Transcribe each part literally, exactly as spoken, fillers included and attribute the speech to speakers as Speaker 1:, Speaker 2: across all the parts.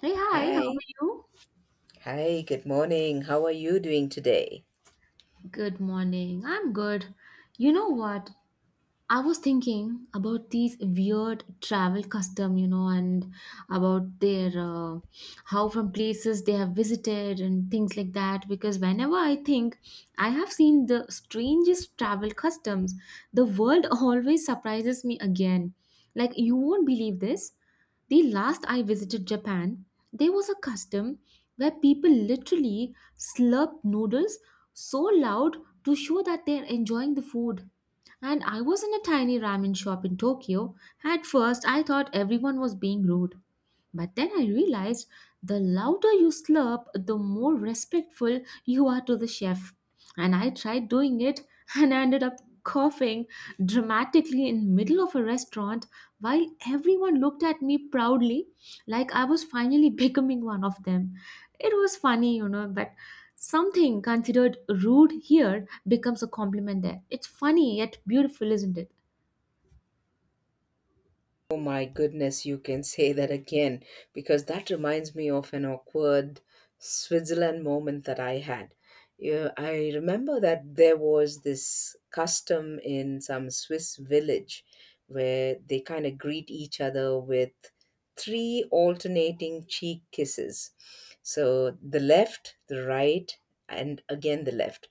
Speaker 1: Hey, hi, how are
Speaker 2: Hi.
Speaker 1: you?
Speaker 2: Hi, good morning. How are you doing today?
Speaker 1: Good morning. I'm good. You know what? I was thinking about these weird travel custom, you know, and about their uh, how from places they have visited and things like that. Because whenever I think I have seen the strangest travel customs, the world always surprises me again. Like you won't believe this. The last I visited Japan, there was a custom where people literally slurp noodles so loud to show that they are enjoying the food and I was in a tiny ramen shop in Tokyo. At first, I thought everyone was being rude, but then I realized the louder you slurp, the more respectful you are to the chef. And I tried doing it and I ended up coughing dramatically in middle of a restaurant while everyone looked at me proudly like I was finally becoming one of them. It was funny, you know, but something considered rude here becomes a compliment there. It's funny yet beautiful, isn't it?
Speaker 2: Oh my goodness, you can say that again because that reminds me of an awkward Switzerland moment that I had. Yeah, I remember that there was this custom in some Swiss village where they kind of greet each other with three alternating cheek kisses. So the left, the right, and again the left.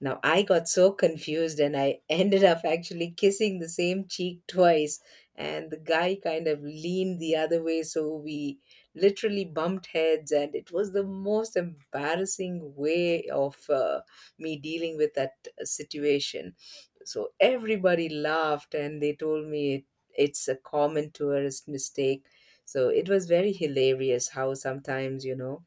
Speaker 2: Now, I got so confused and I ended up actually kissing the same cheek twice. And the guy kind of leaned the other way, so we literally bumped heads. And it was the most embarrassing way of uh, me dealing with that uh, situation. So everybody laughed and they told me it, it's a common tourist mistake. So it was very hilarious how sometimes, you know,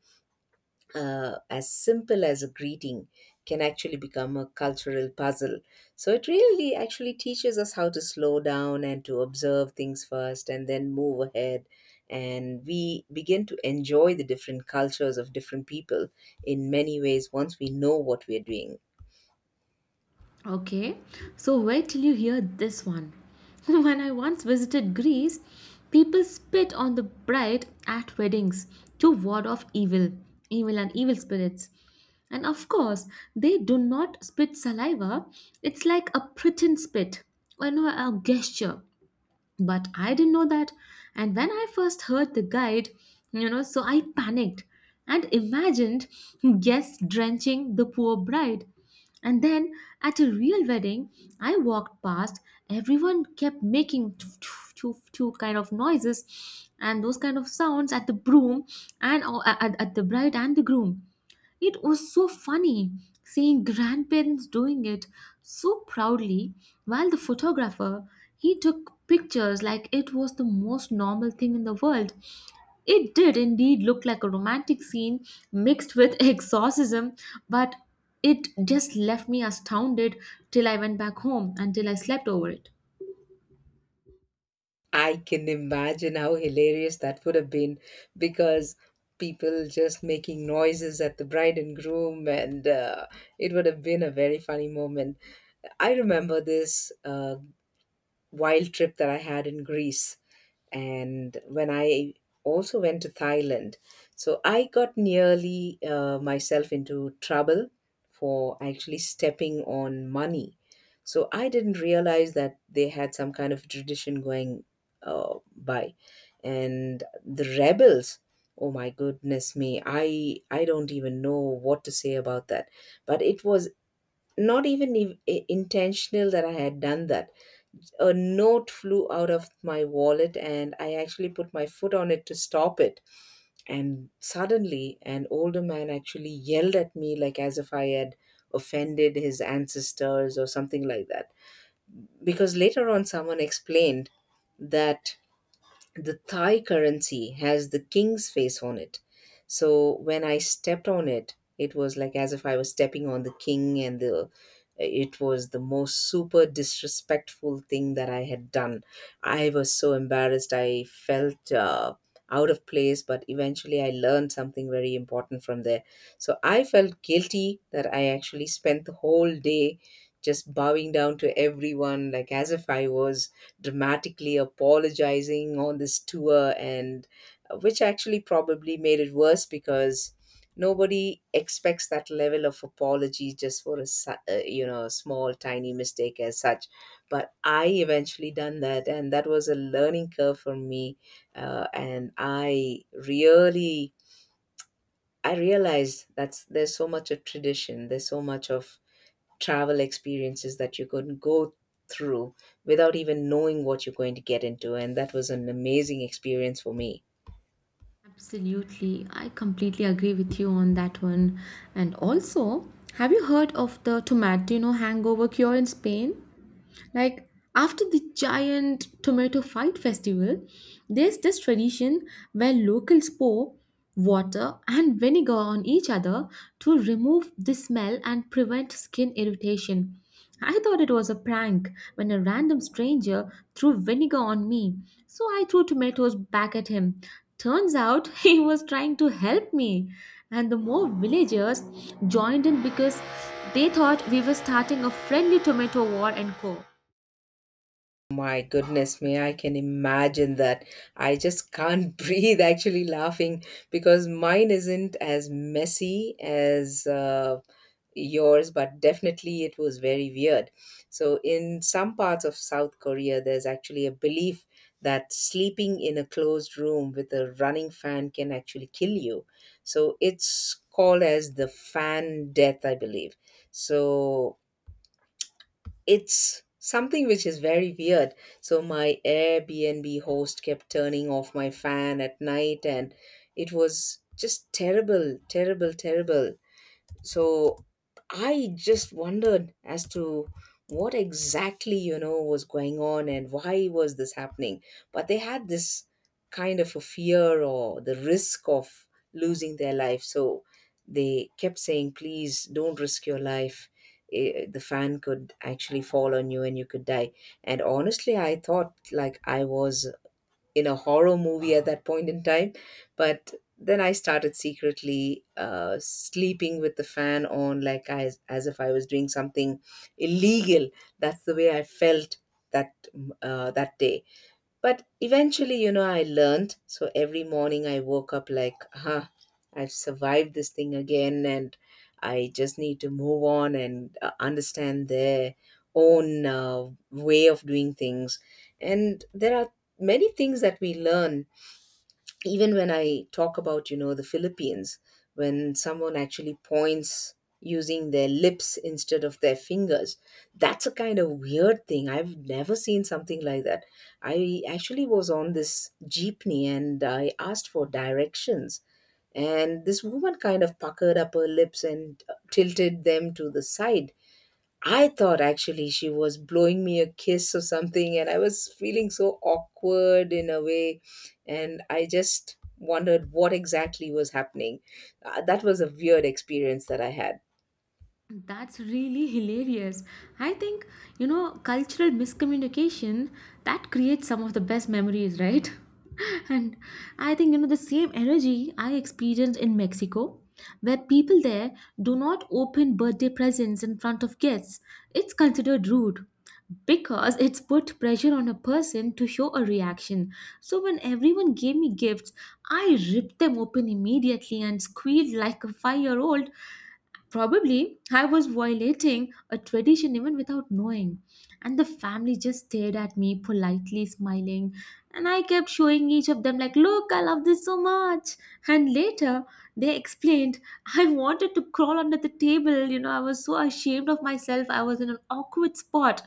Speaker 2: uh, as simple as a greeting can actually become a cultural puzzle. So it really actually teaches us how to slow down and to observe things first and then move ahead. And we begin to enjoy the different cultures of different people in many ways once we know what we're doing.
Speaker 1: Okay, so wait till you hear this one. When I once visited Greece, people spit on the bride at weddings to ward off evil, evil and evil spirits. And of course, they do not spit saliva, it's like a pretend spit, or no, a gesture, but I didn't know that. And when I first heard the guide, you know, so I panicked and imagined guests drenching the poor bride, and then at a real wedding I walked past, everyone kept making two, two, two two kind of noises and those kind of sounds at the broom and uh, at at the bride and the groom. It was so funny seeing grandparents doing it so proudly while the photographer he took pictures like it was the most normal thing in the world. It did indeed look like a romantic scene mixed with exorcism, but it just left me astounded till I went back home until I slept over it.
Speaker 2: I can imagine how hilarious that would have been because people just making noises at the bride and groom, and uh, it would have been a very funny moment. I remember this uh, wild trip that I had in Greece, and when I also went to Thailand. So I got nearly uh, myself into trouble for actually stepping on money. So I didn't realize that they had some kind of tradition going uh, by, and the rebels. Oh my goodness me! I I don't even know what to say about that. But it was not even ev- i- intentional that I had done that. A note flew out of my wallet, and I actually put my foot on it to stop it. And suddenly, an older man actually yelled at me, like as if I had offended his ancestors or something like that. Because later on, someone explained that the Thai currency has the king's face on it. So when I stepped on it, it was like as if I was stepping on the king, and the it was the most super disrespectful thing that I had done. I was so embarrassed. I felt uh, out of place, but eventually I learned something very important from there. So I felt guilty that I actually spent the whole day just bowing down to everyone, like as if I was dramatically apologizing on this tour and uh, which actually probably made it worse because nobody expects that level of apology just for a su- uh, you know a small tiny mistake as such. But I eventually done that, and that was a learning curve for me, uh, and i really i realized that there's so much of tradition, there's so much of travel experiences that you could go through without even knowing what you're going to get into. And that was an amazing experience for me.
Speaker 1: Absolutely. I completely agree with you on that one. And also, have you heard of the tomato hangover cure in Spain? Like after the giant tomato fight festival, there's this tradition where locals pour water and vinegar on each other to remove the smell and prevent skin irritation. I thought it was a prank when a random stranger threw vinegar on me, so I threw tomatoes back at him. Turns out he was trying to help me, and the more villagers joined in because they thought we were starting a friendly tomato war and co.
Speaker 2: My goodness me, I can imagine that. I just can't breathe actually laughing because mine isn't as messy as uh, yours, but definitely it was very weird. So, in some parts of South Korea, there's actually a belief that sleeping in a closed room with a running fan can actually kill you. So, it's called as the fan death, I believe. So, it's something which is very weird. So, my Airbnb host kept turning off my fan at night, and it was just terrible, terrible, terrible. So I just wondered as to what exactly you know was going on and why was this happening, but they had this kind of a fear or the risk of losing their life, so they kept saying, please don't risk your life. Eh, the fan could actually fall on you and you could die. And honestly, I thought like I was in a horror movie at that point in time. But then I started secretly uh, sleeping with the fan on, like I, as if I was doing something illegal. That's the way I felt that uh, that day, but eventually, you know, I learned. So every morning I woke up like, huh, I've survived this thing again, and I just need to move on and uh, understand their own uh, way of doing things. And there are many things that we learn even when I talk about, you know, the Philippines, when someone actually points using their lips instead of their fingers. That's a kind of weird thing. I've never seen something like that. I actually was on this jeepney and I asked for directions. And this woman kind of puckered up her lips and tilted them to the side. I thought actually she was blowing me a kiss or something, and I was feeling so awkward in a way. And I just wondered what exactly was happening. Uh, that was a weird experience that I had.
Speaker 1: That's really hilarious. I think, you know, cultural miscommunication that creates some of the best memories, right? And I think, you know, the same energy I experienced in Mexico, where people there do not open birthday presents in front of guests. It's considered rude because it's put pressure on a person to show a reaction. So when everyone gave me gifts, I ripped them open immediately and squealed like a five year old. Probably I was violating a tradition even without knowing. And the family just stared at me, politely smiling. And I kept showing each of them, like, look, I love this so much. And later they explained. I wanted to crawl under the table. You know, I was so ashamed of myself. I was in an awkward spot.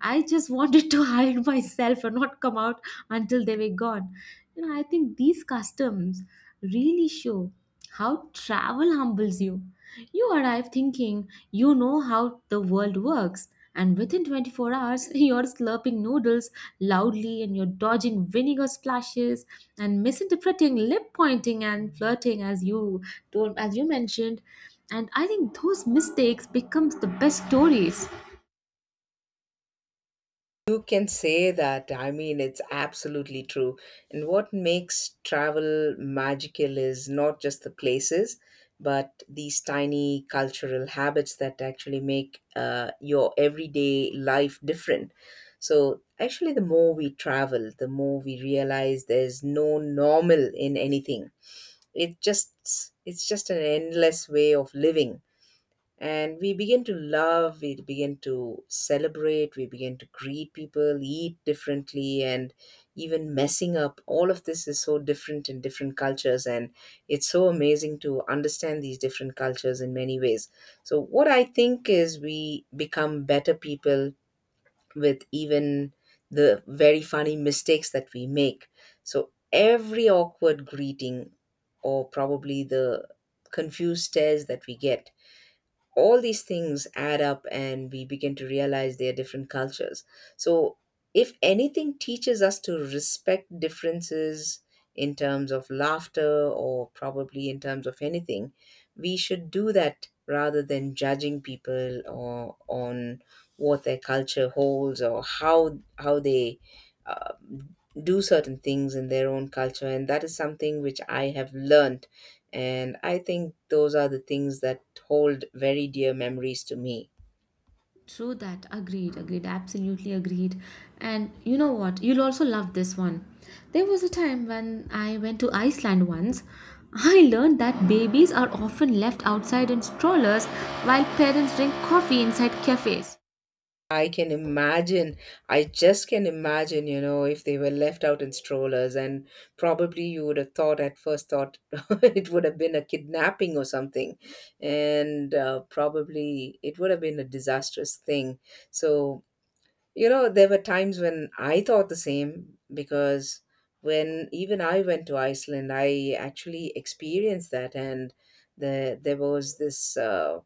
Speaker 1: I just wanted to hide myself and not come out until they were gone. You know, I think these customs really show how travel humbles you. You arrive thinking you know how the world works, and within twenty-four hours, you're slurping noodles loudly and you're dodging vinegar splashes and misinterpreting lip pointing and flirting as you told as you mentioned. And I think those mistakes becomes the best stories.
Speaker 2: You can say that. I mean, it's absolutely true. And what makes travel magical is not just the places, but these tiny cultural habits that actually make uh, your everyday life different. So, actually, the more we travel, the more we realize there's no normal in anything. It just it's just an endless way of living, and we begin to love, we begin to celebrate, we begin to greet people, eat differently, and even messing up all of this is so different in different cultures. And it's so amazing to understand these different cultures in many ways. So what I think is we become better people with even the very funny mistakes that we make. So every awkward greeting or probably the confused stares that we get, all these things add up and we begin to realize they are different cultures. So if anything teaches us to respect differences in terms of laughter or probably in terms of anything, we should do that rather than judging people or on what their culture holds or how how they do certain things in their own culture. And that is something which I have learned. And I think those are the things that hold very dear memories to me.
Speaker 1: True that. Agreed. Agreed. Absolutely agreed. And you know what? You'll also love this one. There was a time when I went to Iceland once. I learned that babies are often left outside in strollers while parents drink coffee inside cafes.
Speaker 2: I can imagine. I just can imagine, you know if they were left out in strollers, and probably you would have thought at first thought it would have been a kidnapping or something. And uh, probably it would have been a disastrous thing. So You know, there were times when I thought the same, because when even I went to Iceland, I actually experienced that. And the, there was this uh,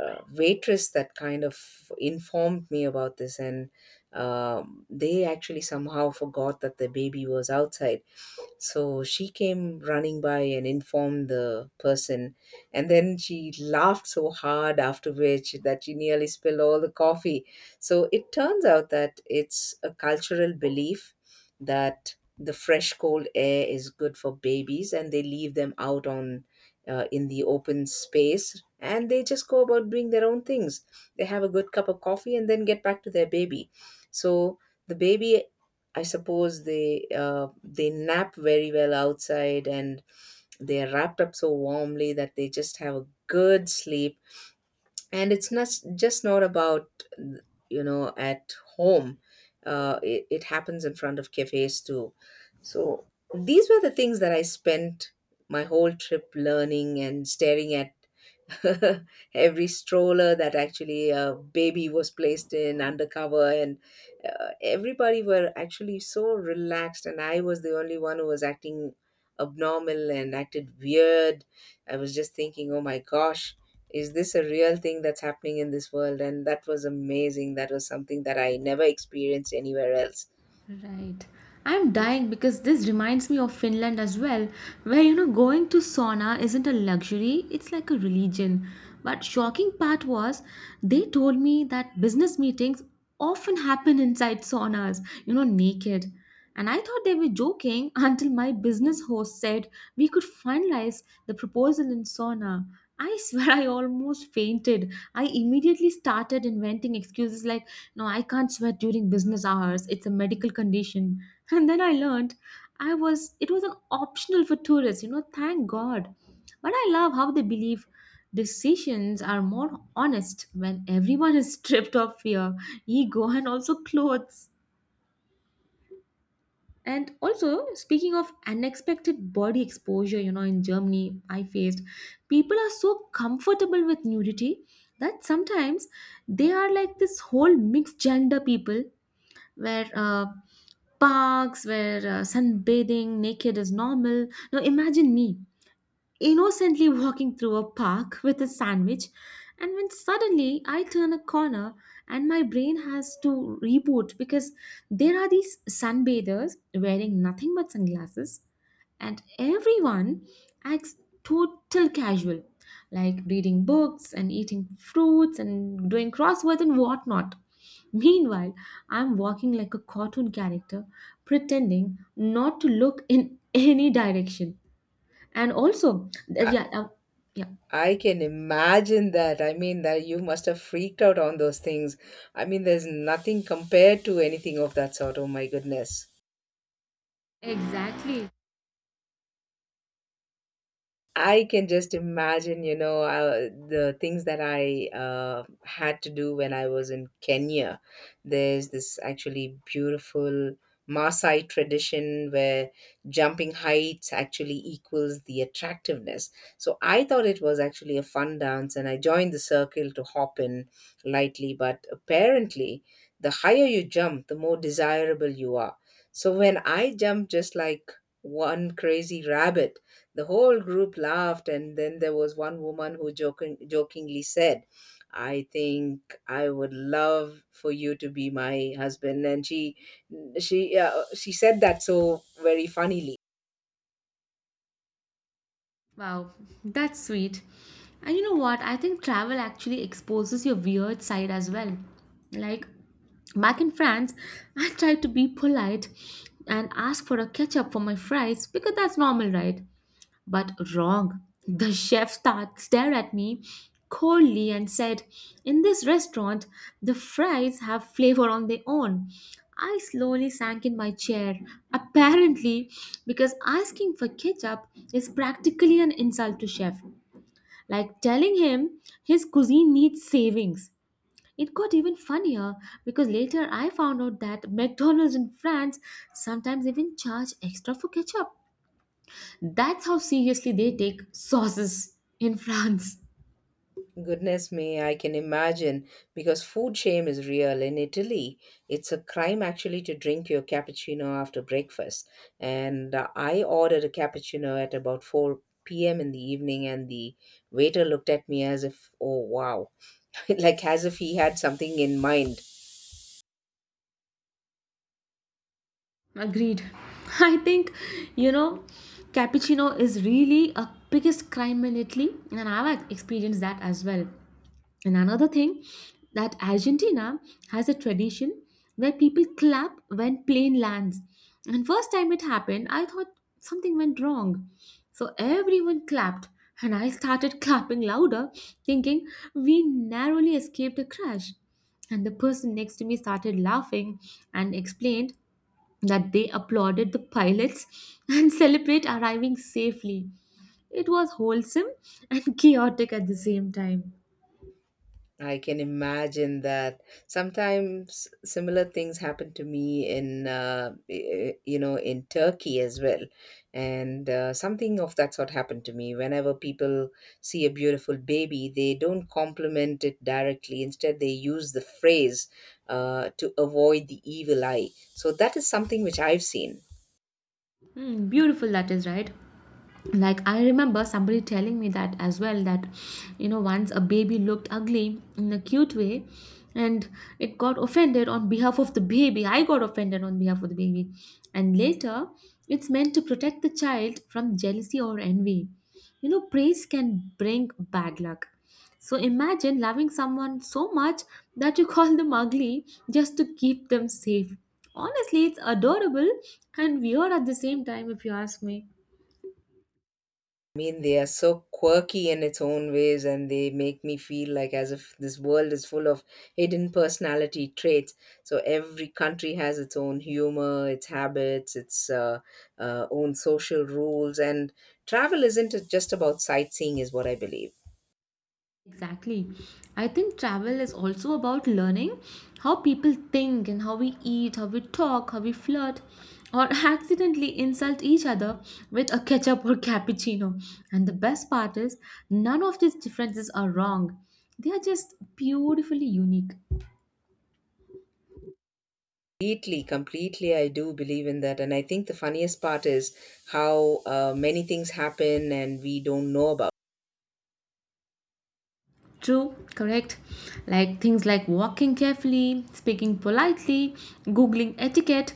Speaker 2: uh, waitress that kind of informed me about this. And um, they actually somehow forgot that the baby was outside, so she came running by and informed the person. And then she laughed so hard after which that she nearly spilled all the coffee. So it turns out that it's a cultural belief that the fresh cold air is good for babies and they leave them out on uh, in the open space, and they just go about doing their own things. They have a good cup of coffee and then get back to their baby. So the baby, I suppose they uh, they nap very well outside, and they are wrapped up so warmly that they just have a good sleep. And it's not just not about, you know at home. Uh, it, it happens in front of cafes too. So these were the things that I spent my whole trip learning and staring at. Every stroller that actually a baby was placed in undercover, and uh, everybody were actually so relaxed, and I was the only one who was acting abnormal and acted weird. I was just thinking, oh my gosh, is this a real thing that's happening in this world? And that was amazing. That was something that I never experienced anywhere else.
Speaker 1: Right. I'm dying because this reminds me of Finland as well, where you know going to sauna isn't a luxury, it's like a religion. But shocking part was they told me that business meetings often happen inside saunas, you know, naked. And I thought they were joking until my business host said we could finalize the proposal in sauna. I swear I almost fainted. I immediately started inventing excuses like no, I can't sweat during business hours. It's a medical condition. And then I learned I was it was an optional for tourists, you know, thank God. But I love how they believe decisions are more honest when everyone is stripped of fear, ego and also clothes. And also, speaking of unexpected body exposure, you know, in Germany, I faced people are so comfortable with nudity that sometimes they are like this whole mixed gender people where uh, parks where uh, sunbathing naked is normal. Now imagine me innocently walking through a park with a sandwich, and when suddenly I turn a corner and my brain has to reboot because there are these sunbathers wearing nothing but sunglasses and everyone acts total casual like reading books and eating fruits and doing crosswords and whatnot. Meanwhile, I'm walking like a cartoon character pretending not to look in any direction. And also th-
Speaker 2: Uh,
Speaker 1: yeah uh, yeah
Speaker 2: I can imagine that. I mean, that you must have freaked out on those things. I mean, there's nothing compared to anything of that sort. Oh my goodness.
Speaker 1: Exactly.
Speaker 2: I can just imagine, you know, uh, the things that I uh, had to do when I was in Kenya. There's this actually beautiful Maasai tradition where jumping heights actually equals the attractiveness. So I thought it was actually a fun dance and I joined the circle to hop in lightly, but apparently, the higher you jump, the more desirable you are. So when I jumped just like one crazy rabbit, the whole group laughed, and then there was one woman who joking, jokingly said, I think I would love for you to be my husband. And she, she, uh, she said that so very funnily.
Speaker 1: Wow, that's sweet. And you know what, I think travel actually exposes your weird side as well. Like back in France, I tried to be polite and ask for a ketchup for my fries because that's normal, right? But wrong. The chef start, stared at me coldly and said, in this restaurant, the fries have flavor on their own. I slowly sank in my chair, apparently, because asking for ketchup is practically an insult to chef, like telling him his cuisine needs savings. It got even funnier because later I found out that McDonald's in France sometimes even charge extra for ketchup. That's how seriously they take sauces in France.
Speaker 2: Goodness me, I can imagine because food shame is real in Italy. It's a crime actually to drink your cappuccino after breakfast. And uh, I ordered a cappuccino at about four p m in the evening, and the waiter looked at me as if, oh wow, like as if he had something in mind.
Speaker 1: Agreed. I think, you know, cappuccino is really a biggest crime in Italy, and I've experienced that as well. And another thing that Argentina has a tradition where people clap when plane lands. And first time it happened, I thought something went wrong. So everyone clapped and I started clapping louder, thinking we narrowly escaped a crash. And the person next to me started laughing and explained that they applauded the pilots and celebrate arriving safely. It was wholesome and chaotic at the same time.
Speaker 2: I can imagine that. Sometimes similar things happen to me in, uh, y- you know, in Turkey as well. And uh, Something of that sort happened to me. Whenever people see a beautiful baby, they don't compliment it directly. Instead, they use the phrase uh, to avoid the evil eye. So that is something which I've seen.
Speaker 1: Mm, beautiful, that is right. Like I remember somebody telling me that as well, that you know once a baby looked ugly in a cute way, and it got offended on behalf of the baby, I got offended on behalf of the baby. And later, it's meant to protect the child from jealousy or envy. You know praise can bring bad luck. So imagine loving someone so much that you call them ugly just to keep them safe. Honestly it's adorable and weird at the same time if you ask me.
Speaker 2: I mean, they are so quirky in its own ways, and they make me feel like as if this world is full of hidden personality traits. So every country has its own humor, its habits, its uh, uh, own social rules, and travel isn't just about sightseeing, is what I believe.
Speaker 1: Exactly. I think travel is also about learning how people think and how we eat, how we talk, how we flirt, or accidentally insult each other with a ketchup or cappuccino. And the best part is, none of these differences are wrong. They are just beautifully unique.
Speaker 2: Completely, completely, I do believe in that, and I think the funniest part is how uh, many things happen and we don't know about.
Speaker 1: True, correct. Like things like walking carefully, speaking politely, Googling etiquette,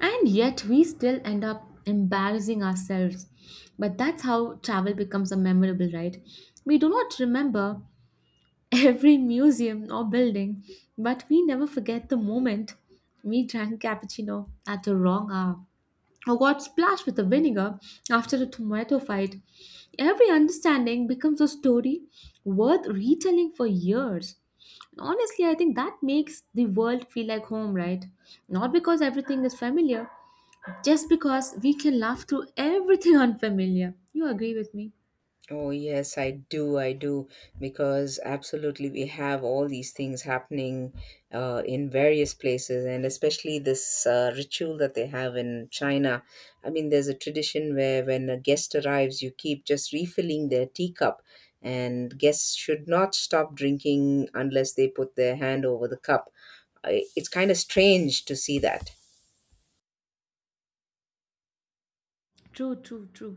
Speaker 1: and yet we still end up embarrassing ourselves. But that's how travel becomes a memorable, right? We do not remember every museum or building, but we never forget the moment we drank cappuccino at the wrong hour or got splashed with the vinegar after a tomato fight. Every understanding becomes a story worth retelling for years. Honestly, I think that makes the world feel like home, right? Not because everything is familiar, just because we can laugh through everything unfamiliar. You agree with me?
Speaker 2: Oh, yes, I do. I do. Because absolutely, we have all these things happening uh, in various places, and especially this uh, ritual that they have in China. I mean, there's a tradition where when a guest arrives, you keep just refilling their teacup, and guests should not stop drinking unless they put their hand over the cup. I- It's kind of strange to see that.
Speaker 1: True, true, true.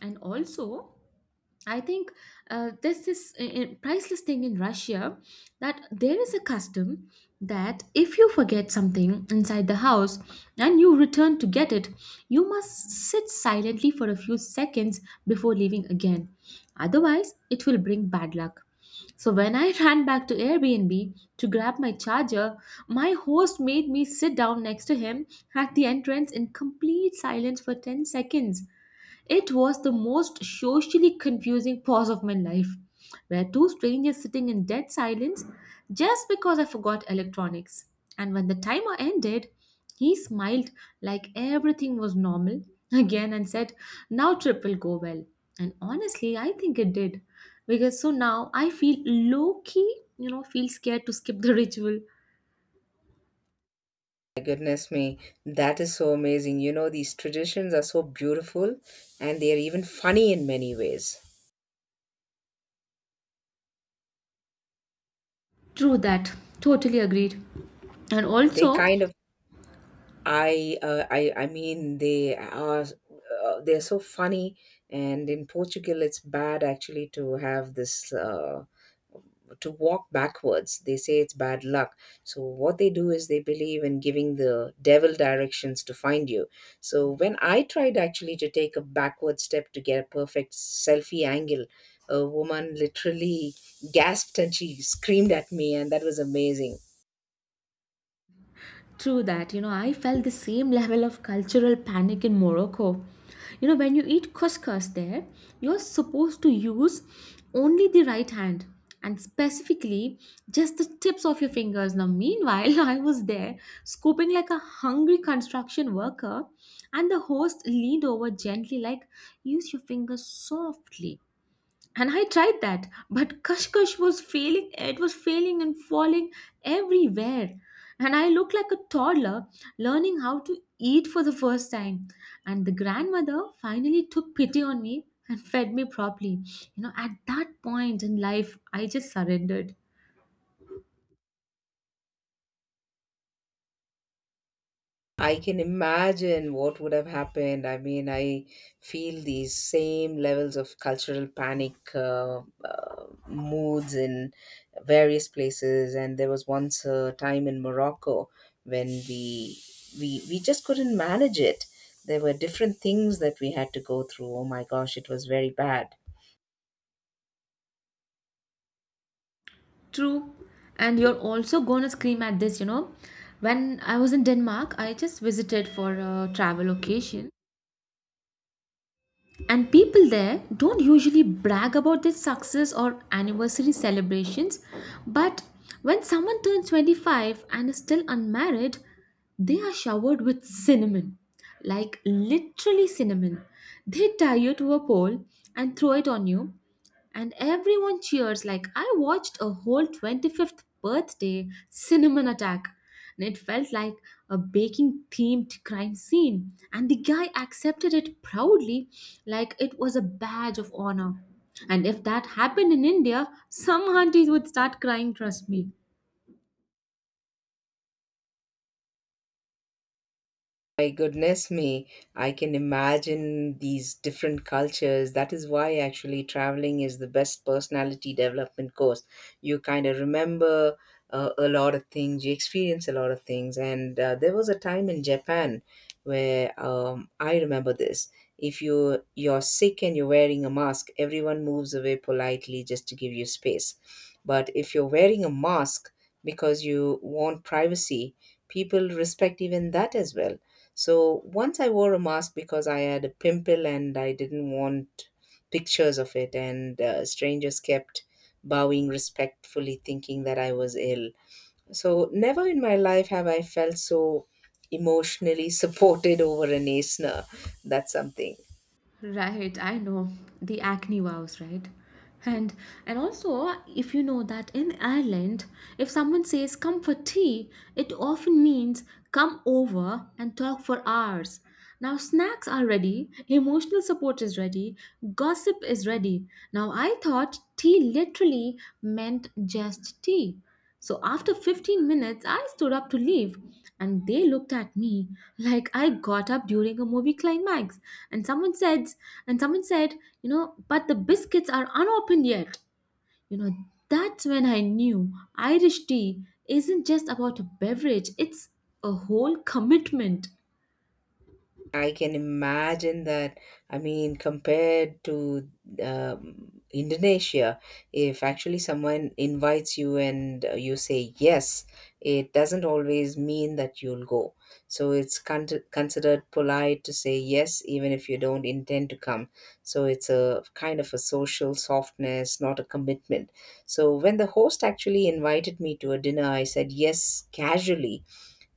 Speaker 1: And also, I think uh, there's this I- I- priceless thing in Russia, that there is a custom that if you forget something inside the house and you return to get it, you must sit silently for a few seconds before leaving again. Otherwise, it will bring bad luck. So when I ran back to Airbnb to grab my charger, my host made me sit down next to him at the entrance in complete silence for ten seconds. It was the most socially confusing pause of my life, where two strangers sitting in dead silence just because I forgot electronics. And when the timer ended, he smiled like everything was normal again and said, now trip will go well. And honestly, I think it did. Because so now I feel low key, you know, feel scared to skip the ritual.
Speaker 2: Goodness me, that is so amazing. You know, these traditions are so beautiful and they are even funny in many ways.
Speaker 1: True that. Totally agreed. And
Speaker 2: They
Speaker 1: also,
Speaker 2: kind of I uh, I I mean they are uh, they're so funny and in Portugal it's bad actually to have this uh, to walk backwards. They say it's bad luck. So what they do is they believe in giving the devil directions to find you. So when I tried actually to take a backward step to get a perfect selfie angle, a woman literally gasped and she screamed at me and that was amazing.
Speaker 1: true that, you know, I felt the same level of cultural panic in Morocco. You know, when you eat couscous there, you're supposed to use only the right hand and specifically just the tips of your fingers. Now, meanwhile, I was there scooping like a hungry construction worker, and the host leaned over gently, like, use your fingers softly. And I tried that, but kashkash was failing. It was failing and falling everywhere, and I looked like a toddler learning how to eat for the first time. And the grandmother finally took pity on me and fed me properly. You know, at that point in life I just surrendered.
Speaker 2: I can imagine what would have happened. I mean, I feel these same levels of cultural panic uh, uh, moods in various places. And there was once a time in Morocco when we we we just couldn't manage it. There were different things that we had to go through. Oh my gosh, it was very bad.
Speaker 1: True. And you're also going to scream at this, you know. When I was in Denmark, I just visited for a travel occasion. And people there don't usually brag about their success or anniversary celebrations, but when someone turns twenty-five and is still unmarried, they are showered with cinnamon. Like literally cinnamon. They tie you to a pole and throw it on you, and everyone cheers. Like I watched a whole twenty-fifth birthday cinnamon attack. And it felt like a baking themed crime scene. And the guy accepted it proudly, like it was a badge of honor. And if that happened in India, some aunties would start crying, trust me.
Speaker 2: My goodness me, I can imagine these different cultures. That is why actually traveling is the best personality development course. You kind of remember uh, a lot of things, you experience a lot of things. And uh, there was a time in Japan where um, I remember this. If you you're sick and you're wearing a mask, everyone moves away politely just to give you space. But if you're wearing a mask because you want privacy, people respect even that as well. So once I wore a mask because I had a pimple and I didn't want pictures of it, and uh, strangers kept bowing respectfully, thinking that I was ill. So never in my life have I felt so emotionally supported over an ASNA. That's something.
Speaker 1: Right, I know the acne vows, right? And and also, if you know that in Ireland, if someone says "come for tea," it often means come over and talk for hours. Now snacks are ready, emotional support is ready, gossip is ready. Now I thought tea literally meant just tea. So after fifteen minutes, I stood up to leave, and they looked at me like I got up during a movie climax. And someone said, and someone said, you know, but the biscuits are unopened yet. You know, that's when I knew Irish tea isn't just about a beverage, it's a whole commitment.
Speaker 2: I can imagine that. I mean, compared to um, Indonesia, if actually someone invites you and uh, you say yes, it doesn't always mean that you'll go. So it's con- considered polite to say yes, even if you don't intend to come. So it's a kind of a social softness, not a commitment. So when the host actually invited me to a dinner, I said yes casually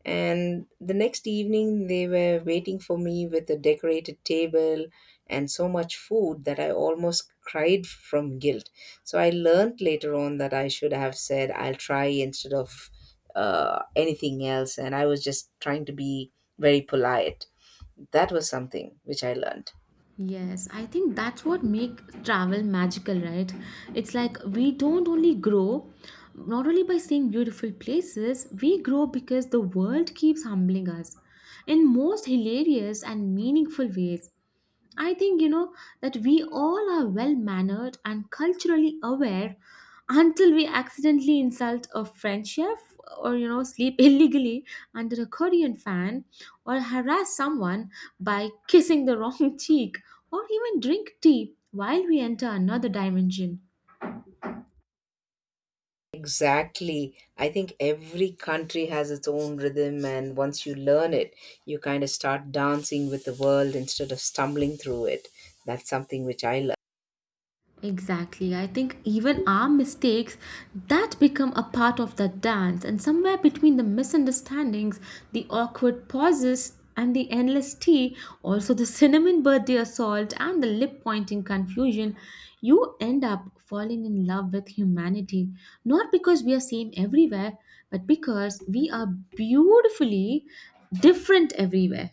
Speaker 2: and the next evening, they were waiting for me with a decorated table and so much food that I almost cried from guilt. So I learned later on that I should have said, I'll try instead of uh, anything else. And I was just trying to be very polite. That was something which I learned.
Speaker 1: Yes, I think that's what make travel magical, right? It's like we don't only grow not only by seeing beautiful places, we grow because the world keeps humbling us in most hilarious and meaningful ways. I think you know that we all are well mannered and culturally aware until we accidentally insult a French chef or you know sleep illegally under a Korean fan or harass someone by kissing the wrong cheek or even drink tea while we enter another dimension.
Speaker 2: Exactly. I think every country has its own rhythm, and once you learn it, you kind of start dancing with the world instead of stumbling through it. That's something which I love.
Speaker 1: Exactly. I think even our mistakes that become a part of that dance, and somewhere between the misunderstandings, the awkward pauses, and the endless tea, also the cinnamon birthday assault and the lip pointing confusion, you end up falling in love with humanity. Not because we are same everywhere, but because we are beautifully different everywhere.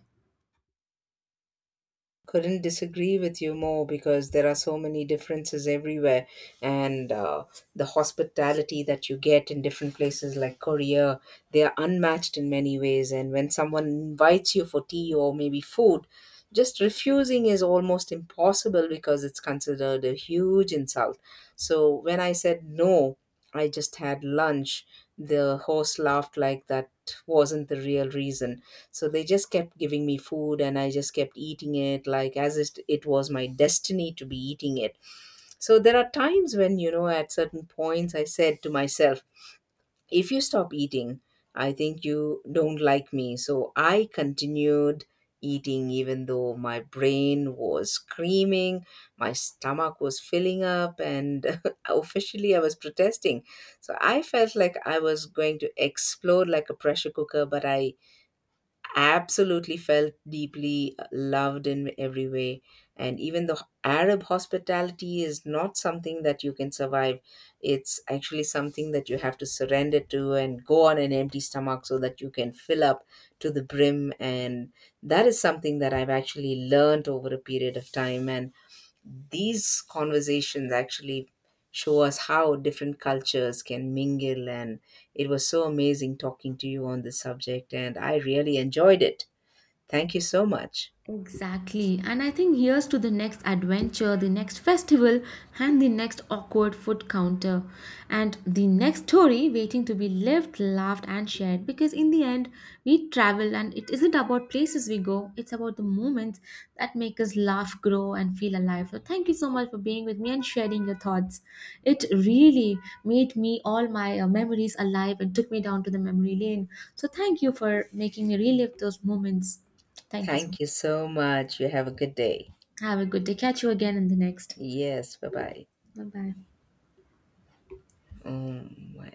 Speaker 2: Couldn't disagree with you more because there are so many differences everywhere and uh, the hospitality that you get in different places like Korea, they are unmatched in many ways, and when someone invites you for tea or maybe food, just refusing is almost impossible because it's considered a huge insult. So when I said no, I just had lunch, the host laughed like that wasn't the real reason. So they just kept giving me food and I just kept eating it like as if it was my destiny to be eating it. So there are times when, you know, at certain points I said to myself, if you stop eating, I think you don't like me. So I continued eating even though my brain was screaming, my stomach was filling up, and officially I was protesting. So I felt like I was going to explode like a pressure cooker, but I absolutely felt deeply loved in every way. And even the Arab hospitality is not something that you can survive. It's actually something that you have to surrender to and go on an empty stomach so that you can fill up to the brim. And that is something that I've actually learned over a period of time. And these conversations actually show us how different cultures can mingle and it was so amazing talking to you on this subject and I really enjoyed it. Thank you so much.
Speaker 1: Exactly. And I think here's to the next adventure, the next festival, and the next awkward food counter, and the next story waiting to be lived, laughed, and shared. Because in the end, we travel, and it isn't about places we go, it's about the moments that make us laugh, grow, and feel alive. So, thank you so much for being with me and sharing your thoughts. It really made me all my uh, memories alive and took me down to the memory lane. So, thank you for making me relive those moments. Thank you so much.
Speaker 2: Thank you so much. You have a good day.
Speaker 1: Have a good day. Catch you again in the next.
Speaker 2: Yes, bye-bye.
Speaker 1: Bye bye.
Speaker 2: Oh my